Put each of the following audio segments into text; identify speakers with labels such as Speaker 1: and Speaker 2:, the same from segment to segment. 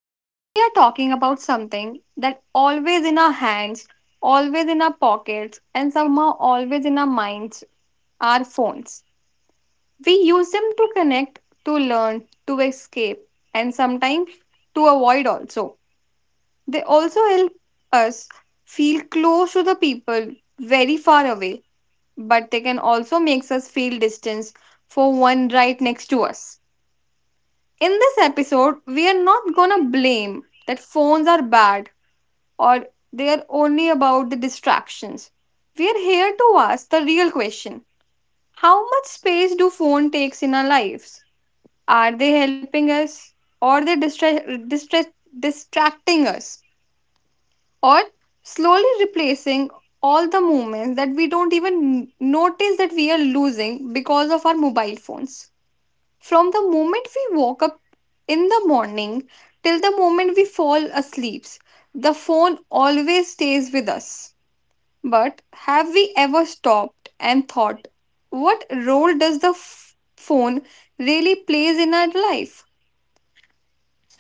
Speaker 1: and today we are talking about something that always in our hands, always in our pockets, and somehow always in our minds our phones. We use them to connect, to learn, to escape, and sometimes to avoid also. They also help us feel close to the people very far away, but they can also make us feel distance for one right next to us. In this episode, we are not gonna blame that phones are bad or they are only about the distractions. We are here to ask the real question. How much space do phone takes in our lives? Are they helping us or they distracting us? Or slowly replacing all the movements that we don't even notice that we are losing because of our mobile phones. From the moment we woke up in the morning till the moment we fall asleep, the phone always stays with us. But have we ever stopped and thought, what role does the phone really plays in our life?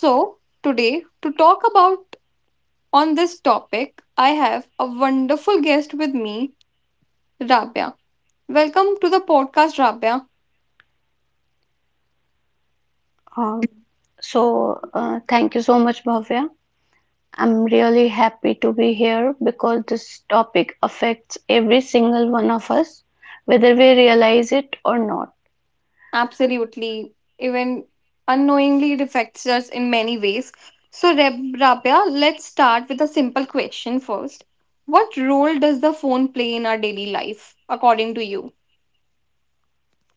Speaker 1: So, today, to talk about on this topic, I have a wonderful guest with me, Rabia. Welcome to the podcast, Rabia.
Speaker 2: Uh, Thank you so much, Bhavya. I'm really happy to be here because this topic affects every single one of us, whether we realize it or not.
Speaker 1: Absolutely. Even unknowingly, it affects us in many ways. So, Rabia, let's start with a simple question first. What role does the phone play in our daily life, according to you?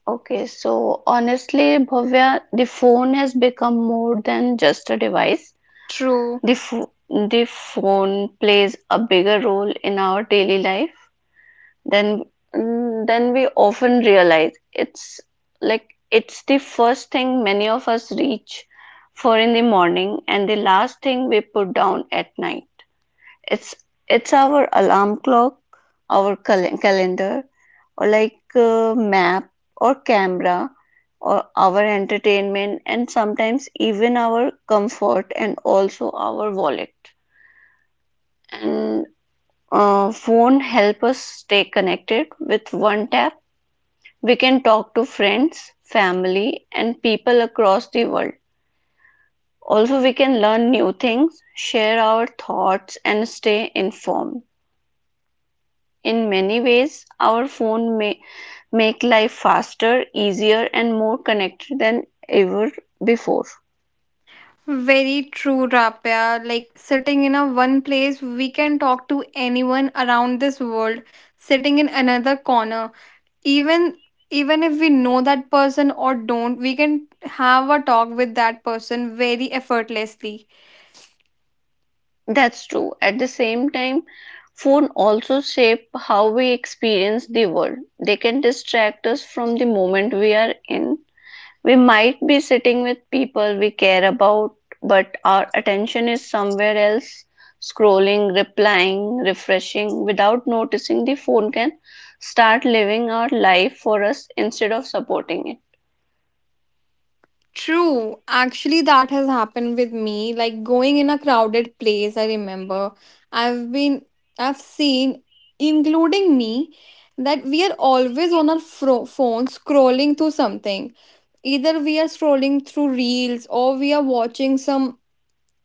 Speaker 2: Okay, so honestly, Bhavya, the phone has become more than just a device.
Speaker 1: True.
Speaker 2: The phone plays a bigger role in our daily life then then we often realize. It's like it's the first thing many of us reach for in the morning and the last thing we put down at night. It's it's our alarm clock, our calendar, or like map, or camera, or our entertainment, and sometimes even our comfort, and also our wallet. And Phone help us stay connected. With one tap we can talk to friends, family, and people across the world. Also, we can learn new things, share our thoughts, and stay informed. In many ways, our phone may make life faster, easier, and more connected than ever before.
Speaker 1: Very true, Rapya. Like sitting in a one place, we can talk to anyone around this world. Sitting in another corner, even even if we know that person or don't, we can have a talk with that person very effortlessly.
Speaker 2: That's true. At the same time, phones also shape how we experience the world. They can distract us from the moment we are in. We might be sitting with people we care about, but our attention is somewhere else, scrolling, replying, refreshing. Without noticing, the phone can start living our life for us instead of supporting it.
Speaker 1: True. Actually, that has happened with me, like going in a crowded place. I remember, i've been I've seen, including me, that we are always on our phone scrolling through something. Either we are scrolling through reels or we are watching some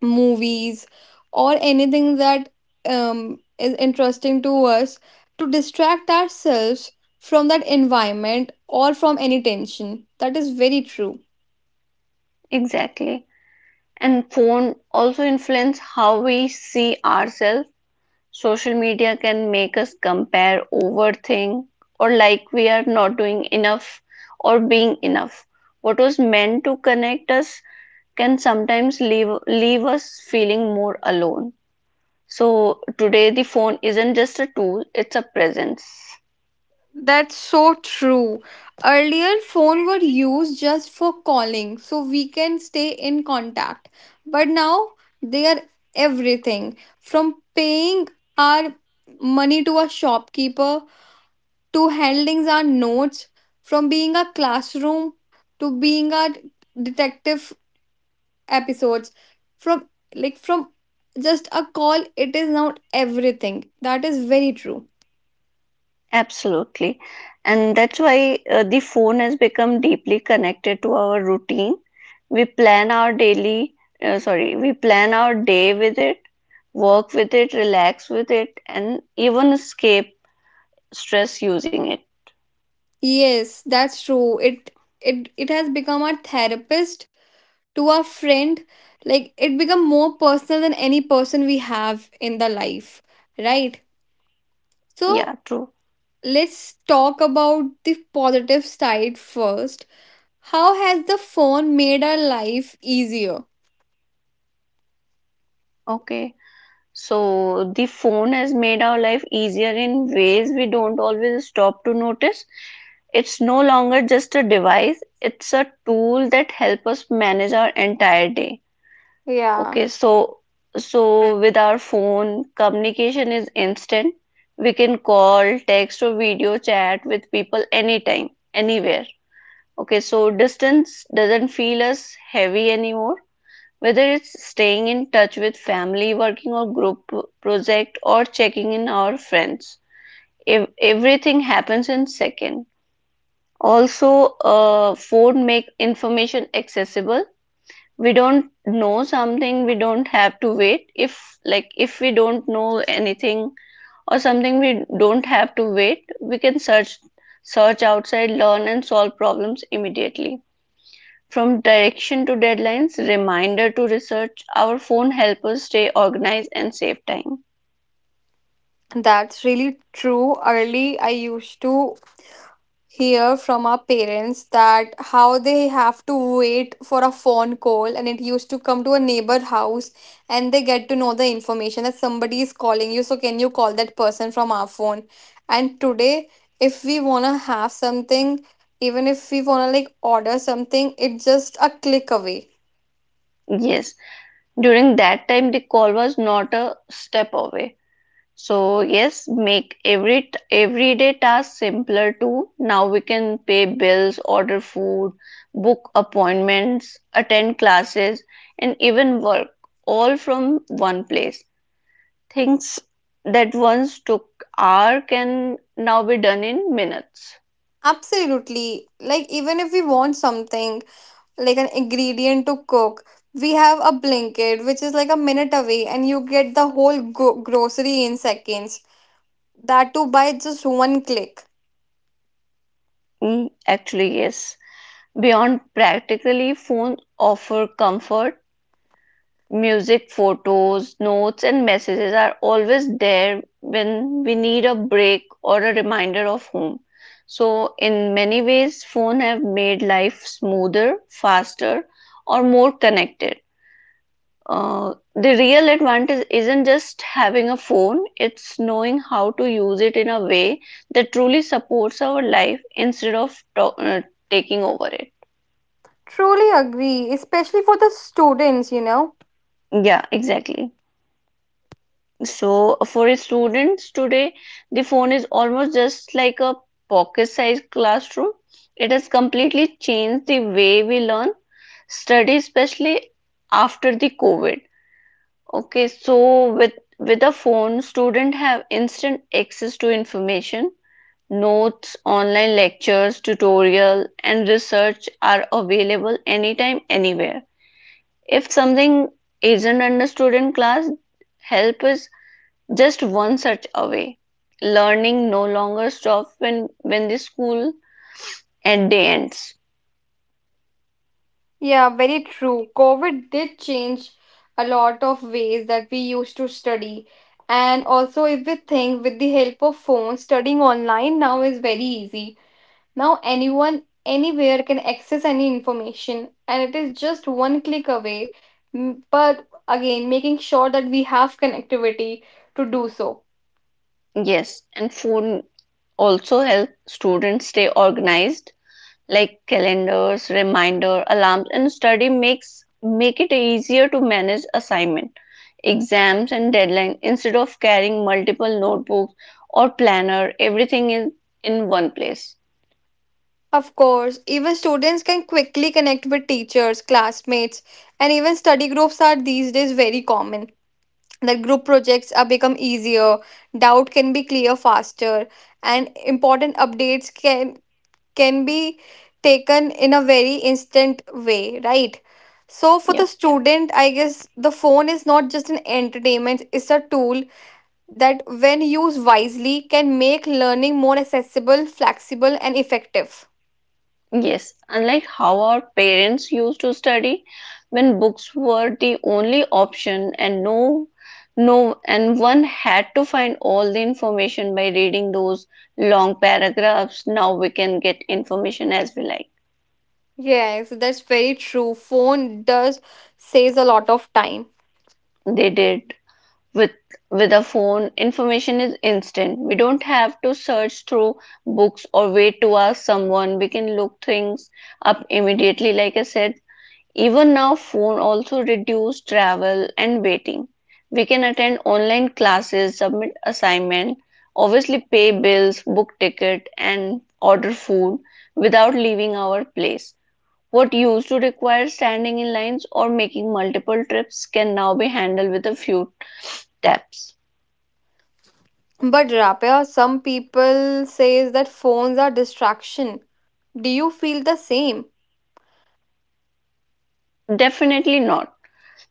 Speaker 1: movies or anything that is interesting to us, to distract ourselves from that environment or from any tension. That is very true.
Speaker 2: Exactly. And phone also influence how we see ourselves. Social media can make us compare, overthink, or like we are not doing enough or being enough. What was meant to connect us can sometimes leave us feeling more alone. So today the phone isn't just a tool, it's a presence.
Speaker 1: That's so true. Earlier, phone were used just for calling, so we can stay in contact. But now they are everything, from paying our money to a shopkeeper, to handling our notes, from being a classroom to being a detective episodes, from like from just a call. It is not everything. That is very true.
Speaker 2: Absolutely. And that's why the phone has become deeply connected to our routine. We plan our daily, sorry, we plan our day with it, work with it, relax with it, and even escape stress using it.
Speaker 1: Yes, that's true. It has become our therapist, to our friend. Like, it become more personal than any person we have in the life, right?
Speaker 2: Yeah,
Speaker 1: So
Speaker 2: true.
Speaker 1: let's talk about the positive side first. How has the phone made our life easier?
Speaker 2: Okay. So the phone has made our life easier in ways we don't always stop to notice. It's no longer just a device, it's a tool that helps us manage our entire day.
Speaker 1: Yeah,
Speaker 2: Okay, so with our phone, communication is instant. We can call, text, or video chat with people anytime, anywhere. Okay, so distance doesn't feel as heavy anymore, whether it's staying in touch with family, working on group project, or checking in our friends, if everything happens in second. Also, phone make information accessible. We don't know something, we don't have to wait. If like if we don't know anything or something, we don't have to wait. We can search outside, learn, and solve problems immediately. From direction to deadlines, reminder to research, our phone helps us stay organized and save time.
Speaker 1: that's really true. Early, I used to hear from our parents that how they have to wait for a phone call and it used to come to a neighbor house, and they get to know the information that somebody is calling you, so can you call that person from our phone. And today, if we want to have something, even if we want to like order something, it's just a click away.
Speaker 2: Yes, during that time the call was not a step away. So yes, make everyday task simpler too. Now we can pay bills, order food, book appointments, attend classes, and even work, all from one place. Things that once took hours can now be done in minutes.
Speaker 1: Absolutely. Like, even if we want something, like an ingredient to cook, we have a blanket, which is like a minute away, and you get the whole grocery in seconds. That too by just one click.
Speaker 2: Actually, yes. Beyond practically, phones offer comfort. Music, photos, notes, and messages are always there when we need a break or a reminder of home. So, in many ways, phone have made life smoother, faster, or more connected. The real advantage isn't just having a phone, it's knowing how to use it in a way that truly supports our life instead of taking over it.
Speaker 1: Truly agree, especially for the students, you know?
Speaker 2: Yeah, exactly. So for students today, the phone is almost just like a pocket-sized classroom. It has completely changed the way we learn, study, especially after the COVID. Okay, so with a phone, students have instant access to information. Notes, online lectures, tutorial, and research are available anytime, anywhere. If something isn't understood in class, help is just one such away. Learning no longer stops when the school at day ends.
Speaker 1: Yeah, very true. COVID did change a lot of ways that we used to study. And also, if we think, with the help of phones, studying online now is very easy. Now anyone anywhere can access any information, and it is just one click away. But again, making sure that we have connectivity to do so.
Speaker 2: Yes, and phone also help students stay organized, like calendars, reminder, alarms, and study make it easier to manage assignment, exams, and deadline instead of carrying multiple notebooks or planner. Everything is in one place.
Speaker 1: Of course, even students can quickly connect with teachers, classmates, and even study groups are these days very common. That group projects are become easier, doubt can be clear faster, and important updates can be taken in a very instant way, right? So for
Speaker 2: Yeah.
Speaker 1: the student, I guess the phone is not just an entertainment, it's a tool that, when used wisely, can make learning more accessible, flexible and effective.
Speaker 2: Yes, unlike how our parents used to study, when books were the only option and no no and one had to find all the information by reading those long paragraphs. Now we can get information as we like.
Speaker 1: Yes, that's very true. Phone does saves a lot of time.
Speaker 2: They did. With with a phone, information is instant. We don't have to search through books or wait to ask someone. We can look things up immediately, like I said. Even now, phone also reduce travel and waiting. We can attend online classes, submit assignment, obviously pay bills, book ticket, and order food without leaving our place. What used to require standing in lines or making multiple trips can now be handled with a few taps.
Speaker 1: But Rapia, some people says that phones are distraction. Do you feel the same?
Speaker 2: Definitely not.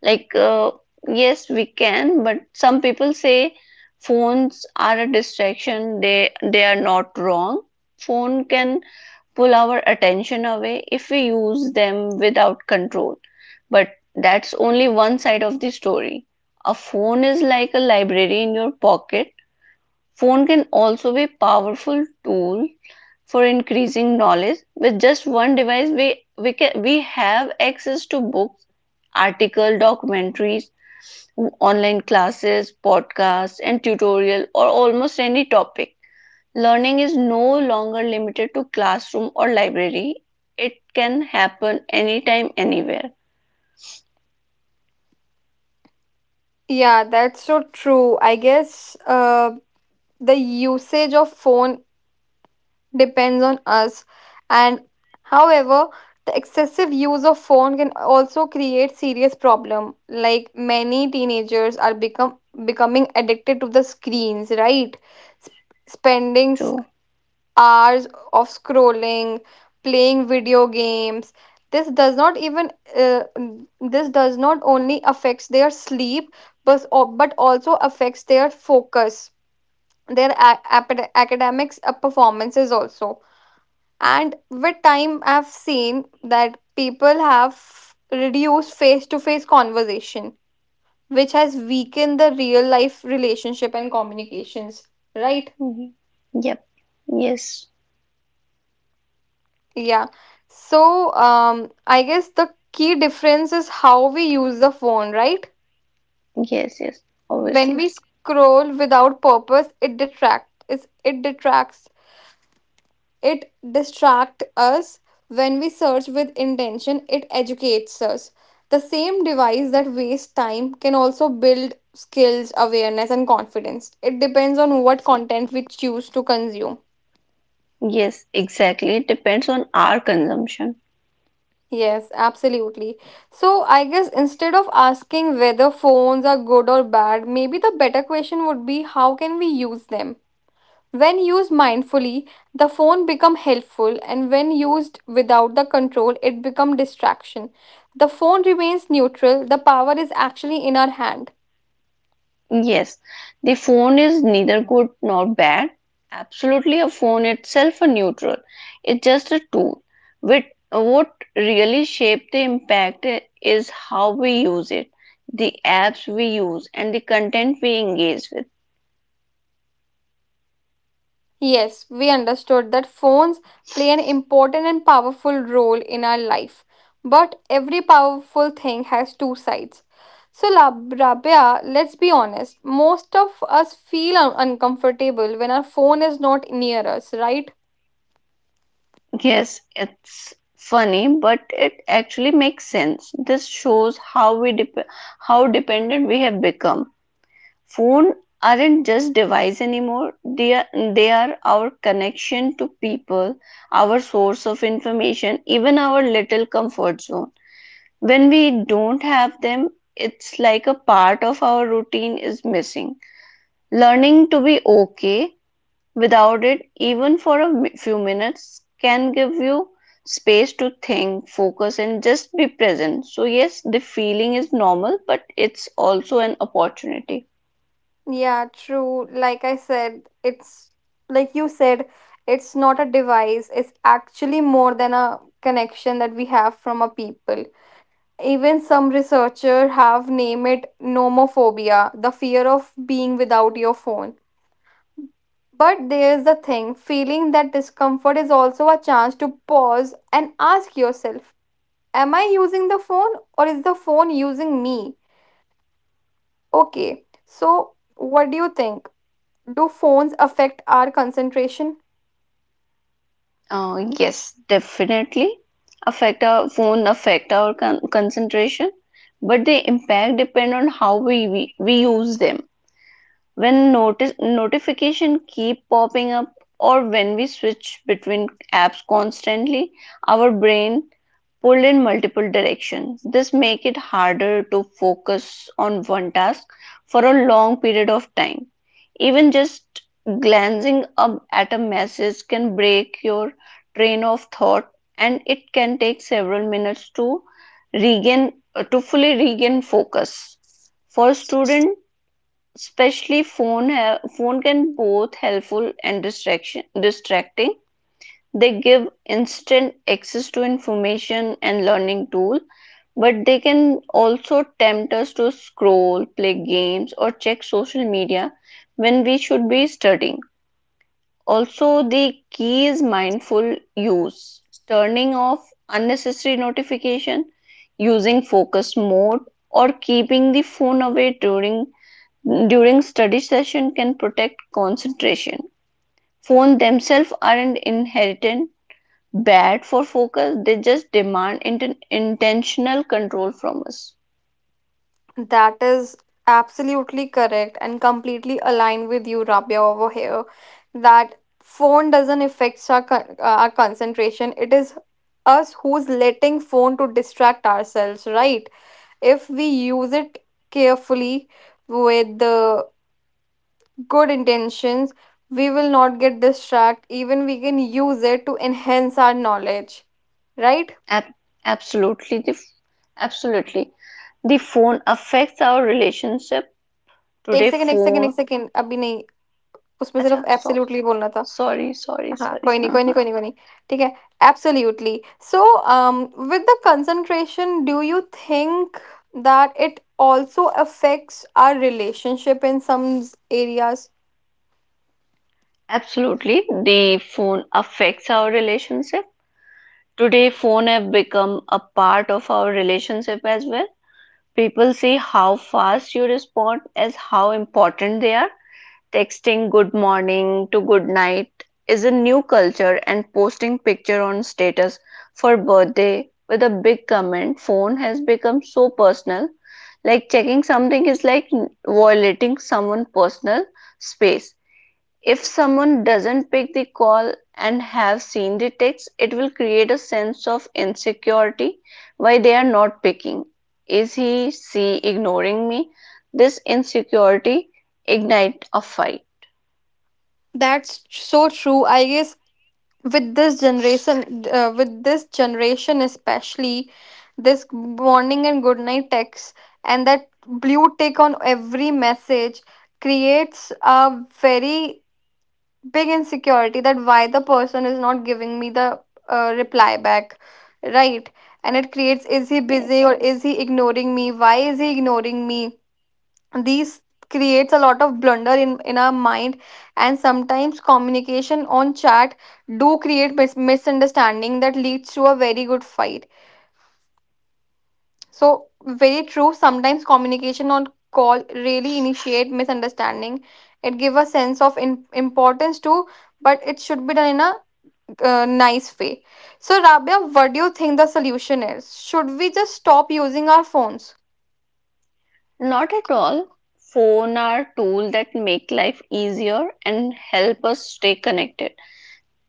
Speaker 2: Like, yes, we can, but some people say phones are a distraction. They are not wrong. Phone can pull our attention away if we use them without control. But that's only one side of the story. A phone is like a library in your pocket. Phone can also be powerful tool for increasing knowledge. With just one device, we have access to books, article, documentaries, online classes, podcasts, and tutorial or almost any topic. Learning is no longer limited to classroom or library. It can happen anytime, anywhere.
Speaker 1: Yeah, that's so true. I guess the usage of phone depends on us. And however, the excessive use of phone can also create serious problem. Like many teenagers are become becoming addicted to the screens, right? Sp- Spending
Speaker 2: True.
Speaker 1: hours of scrolling, playing video games. This does not even uh, this does not only affects their sleep, but also affects their focus, their academics performances also. And with time, I've seen that people have reduced face to face conversation, which has weakened the real life relationship and communications. Right?
Speaker 2: Mhm. Yep. Yes.
Speaker 1: Yeah. So, I guess the key difference is how we use the phone, right?
Speaker 2: Yes. Yes.
Speaker 1: When
Speaker 2: Obviously.
Speaker 1: we scroll without purpose, it detracts. It distract us. When we search with intention, it educates us. The same device that wastes time can also build skills, awareness, and confidence. It depends on what content we choose to consume.
Speaker 2: Yes. Exactly. It depends on our consumption.
Speaker 1: Yes, absolutely. So, I guess, instead of asking whether phones are good or bad, maybe the better question would be, how can we use them? When used mindfully, the phone become helpful, and when used without the control, it become distraction. The phone remains neutral, the power is actually in our hand.
Speaker 2: Yes, the phone is neither good nor bad. Absolutely, a phone itself a neutral. It's just a tool. With what really shape the impact is how we use it, the apps we use, and the content we engage with.
Speaker 1: Yes, we understood that phones play an important and powerful role in our life. But every powerful thing has two sides. So, Rabia, let's be honest, most of us feel uncomfortable when our phone is not near us, right?
Speaker 2: Yes, it's funny, but it actually makes sense. This shows how dependent we have become. Phones aren't just devices anymore. They are our connection to people, our source of information, even our little comfort zone. When we don't have them, it's like a part of our routine is missing. Learning to be okay without it, even for a few minutes, can give you space to think, focus, and just be present. So, yes, the feeling is normal, but it's also an opportunity.
Speaker 1: Yeah, true. Like I said, it's like you said, it's not a device, it's actually more than a connection that we have from a people. Even some researchers have named it nomophobia, the fear of being without your phone. But there's the thing, feeling that discomfort is also a chance to pause and ask yourself, am I using the phone or is the phone using me? Okay, so what do you think? Do phones affect our concentration?
Speaker 2: Yes, definitely affect our phone affect our concentration, but the impact depend on how we use them. When notice notification keep popping up, or when we switch between apps constantly, our brain pulled in multiple direction. This make it harder to focus on one task for a long period of time. Even just glancing up at a message can break your train of thought, and it can take several minutes to regain to fully regain focus. For student especially, phone can both helpful and distraction distracting. They give instant access to information and learning tool, but they can also tempt us to scroll, play games, or check social media when we should be studying. Also, the key is mindful use. Turning off unnecessary notification, using focus mode, or keeping the phone away during study session can protect concentration. Phones themselves aren't inherent bad for focus, they just demand intentional control from us.
Speaker 1: That is absolutely correct and completely aligned with you, Rabia, over here. That phone doesn't affect our concentration. It is us who's letting phone to distract ourselves, right? If we use it carefully, with the good intentions, we will not get distracted. Even we can use it to enhance our knowledge, right?
Speaker 2: Ab- absolutely, the f- absolutely. The phone affects our relationship.
Speaker 1: एक
Speaker 2: Today,
Speaker 1: second एक second एक
Speaker 2: phone.
Speaker 1: Second अभी नहीं उसमें सिर्फ
Speaker 2: Acha, so,
Speaker 1: absolutely बोलना था.
Speaker 2: sorry, sorry,
Speaker 1: हाँ
Speaker 2: sorry.
Speaker 1: कोई नहीं कोई
Speaker 2: Uh-huh.
Speaker 1: नहीं कोई नहीं कोई नहीं ठीक है absolutely so with the concentration do you think that it also affects our relationship in some areas.
Speaker 2: Absolutely, the phone affects our relationship. Today, phone have become a part of our relationship as well. People see how fast you respond as how important they are. Texting good morning to good night is a new culture, and posting picture on status for birthday with a big comment. Phone has become so personal, like checking something is like violating someone's personal space. If someone doesn't pick the call and have seen the text, it will create a sense of insecurity, why they are not picking. Is he, she ignoring me? This insecurity ignite a fight.
Speaker 1: That's so true. I guess, with this generation with this generation especially, this morning and good night text, and that blue tick on every message, creates a very big insecurity, that why the person is not giving me the reply back, right? And it creates, is he busy,
Speaker 2: Yes.
Speaker 1: or is he ignoring me, why is he ignoring me? These creates a lot of blunder in our mind. And sometimes communication on chat do create misunderstanding that leads to a very good fight. So, very true, sometimes communication on call really initiate misunderstanding. It give a sense of importance too, but it should be done in a nice way. So, Rabia, what do you think the solution is? Should we just stop using our phones?
Speaker 2: Not at all. Phone are tools that make life easier and help us stay connected.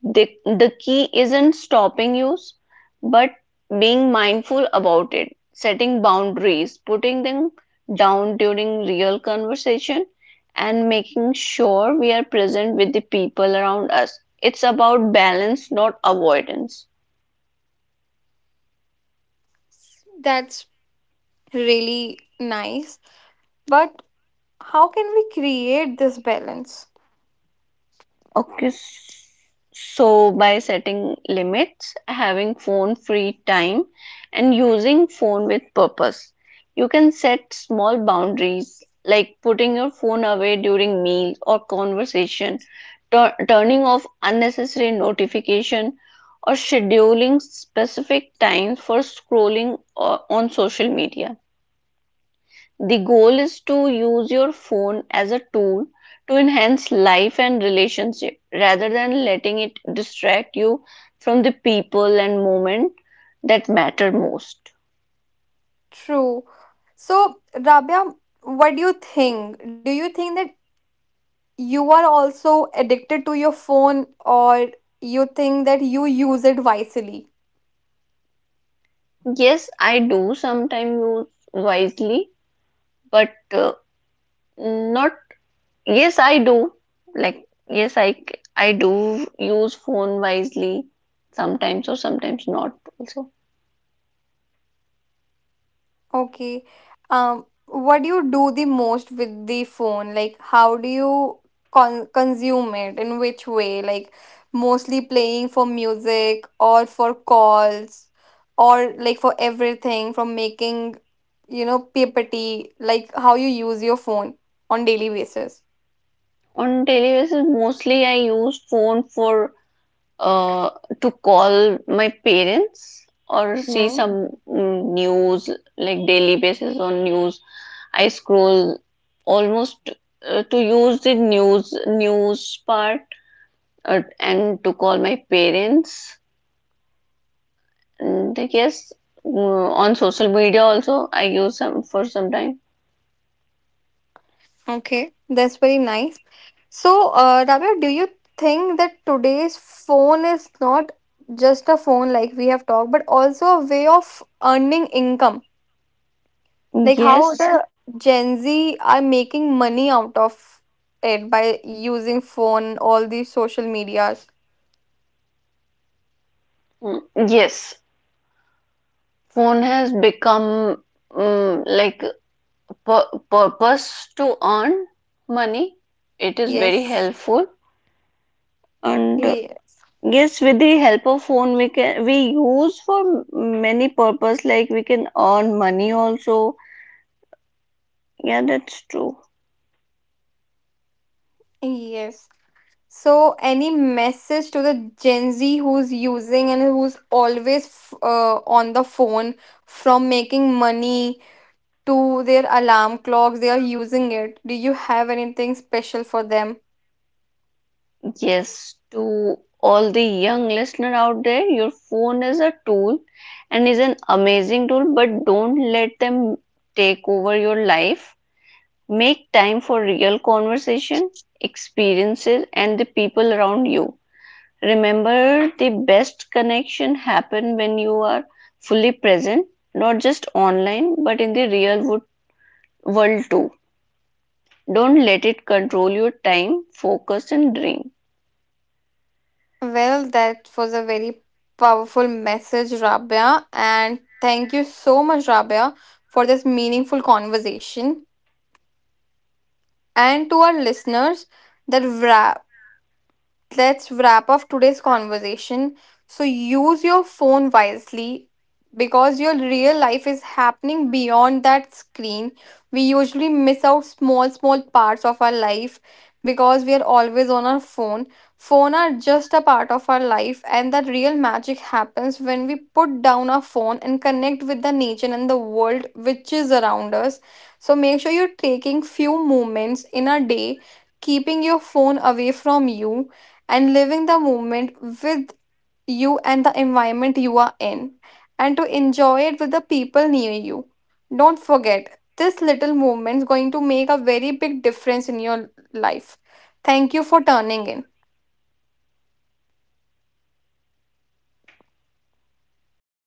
Speaker 2: The key isn't stopping use, but being mindful about it, setting boundaries, putting them down during real conversation, and making sure we are present with the people around us. It's about balance, not avoidance.
Speaker 1: That's really nice. But how can we create this balance?
Speaker 2: Okay, s- so by setting limits, having phone free time, and using phone with purpose, you can set small boundaries, like putting your phone away during meals or conversation, turning off unnecessary notification, or scheduling specific times for scrolling on social media. The goal is to use your phone as a tool to enhance life and relationship rather than letting it distract you from the people and moment that matter most.
Speaker 1: True. So, Rabia, what do you think? Do you think that you are also addicted to your phone, or you think that you use it wisely?
Speaker 2: Yes, I do sometimes use wisely, but not yes, I do. Like yes, I do use phone wisely sometimes or sometimes not also.
Speaker 1: Okay. What do you do the most with the phone? Like, how do you consume it? In which way? Like, mostly playing for music or for calls, or like for everything, from making, you know, PPT, like how you use your phone on daily basis.
Speaker 2: On daily basis, mostly I use phone for uh, to call my parents or see some news. Like daily basis on news I scroll almost, to use the news part, and to call my parents. And yes, on social media also I use some for some time.
Speaker 1: Okay, that's very nice. So, Rabia, do you think that today's phone is not just a phone, like we have talked, but also a way of earning income? Like how
Speaker 2: Yes.
Speaker 1: the Gen Z are making money out of it by using phone, all these social medias.
Speaker 2: mm, yes, phone has become, like, purpose to earn money. It is very
Speaker 1: Yes.
Speaker 2: helpful. And
Speaker 1: Yeah.
Speaker 2: yes, with the help of phone, we can we use for many purpose, like we can earn money also. Yeah, that's true.
Speaker 1: Yes. So, any message to the Gen Z, who's using, and who's always on the phone, from making money to their alarm clocks, they are using it. Do you have anything special for them?
Speaker 2: Yes. To all the young listener out there, your phone is a tool and is an amazing tool, but don't let them take over your life. Make time for real conversation, experiences, and the people around you. Remember, the best connection happen when you are fully present, not just online, but in the real world too. Don't let it control your time, focus, and dream.
Speaker 1: Well, that was a very powerful message, Rabia. And thank you so much, Rabia, for this meaningful conversation. And to our listeners, that wrap. Let's wrap up today's conversation. So use your phone wisely, because your real life is happening beyond that screen. We usually miss out small small parts of our life because we are always on our phone. Phone are just a part of our life, and the real magic happens when we put down our phone and connect with the nature and the world which is around us. So make sure you're taking few moments in a day, keeping your phone away from you, and living the moment with you and the environment you are in, and to enjoy it with the people near you. Don't forget, this little movement is going to make a very big difference in your life. Thank you for turning in.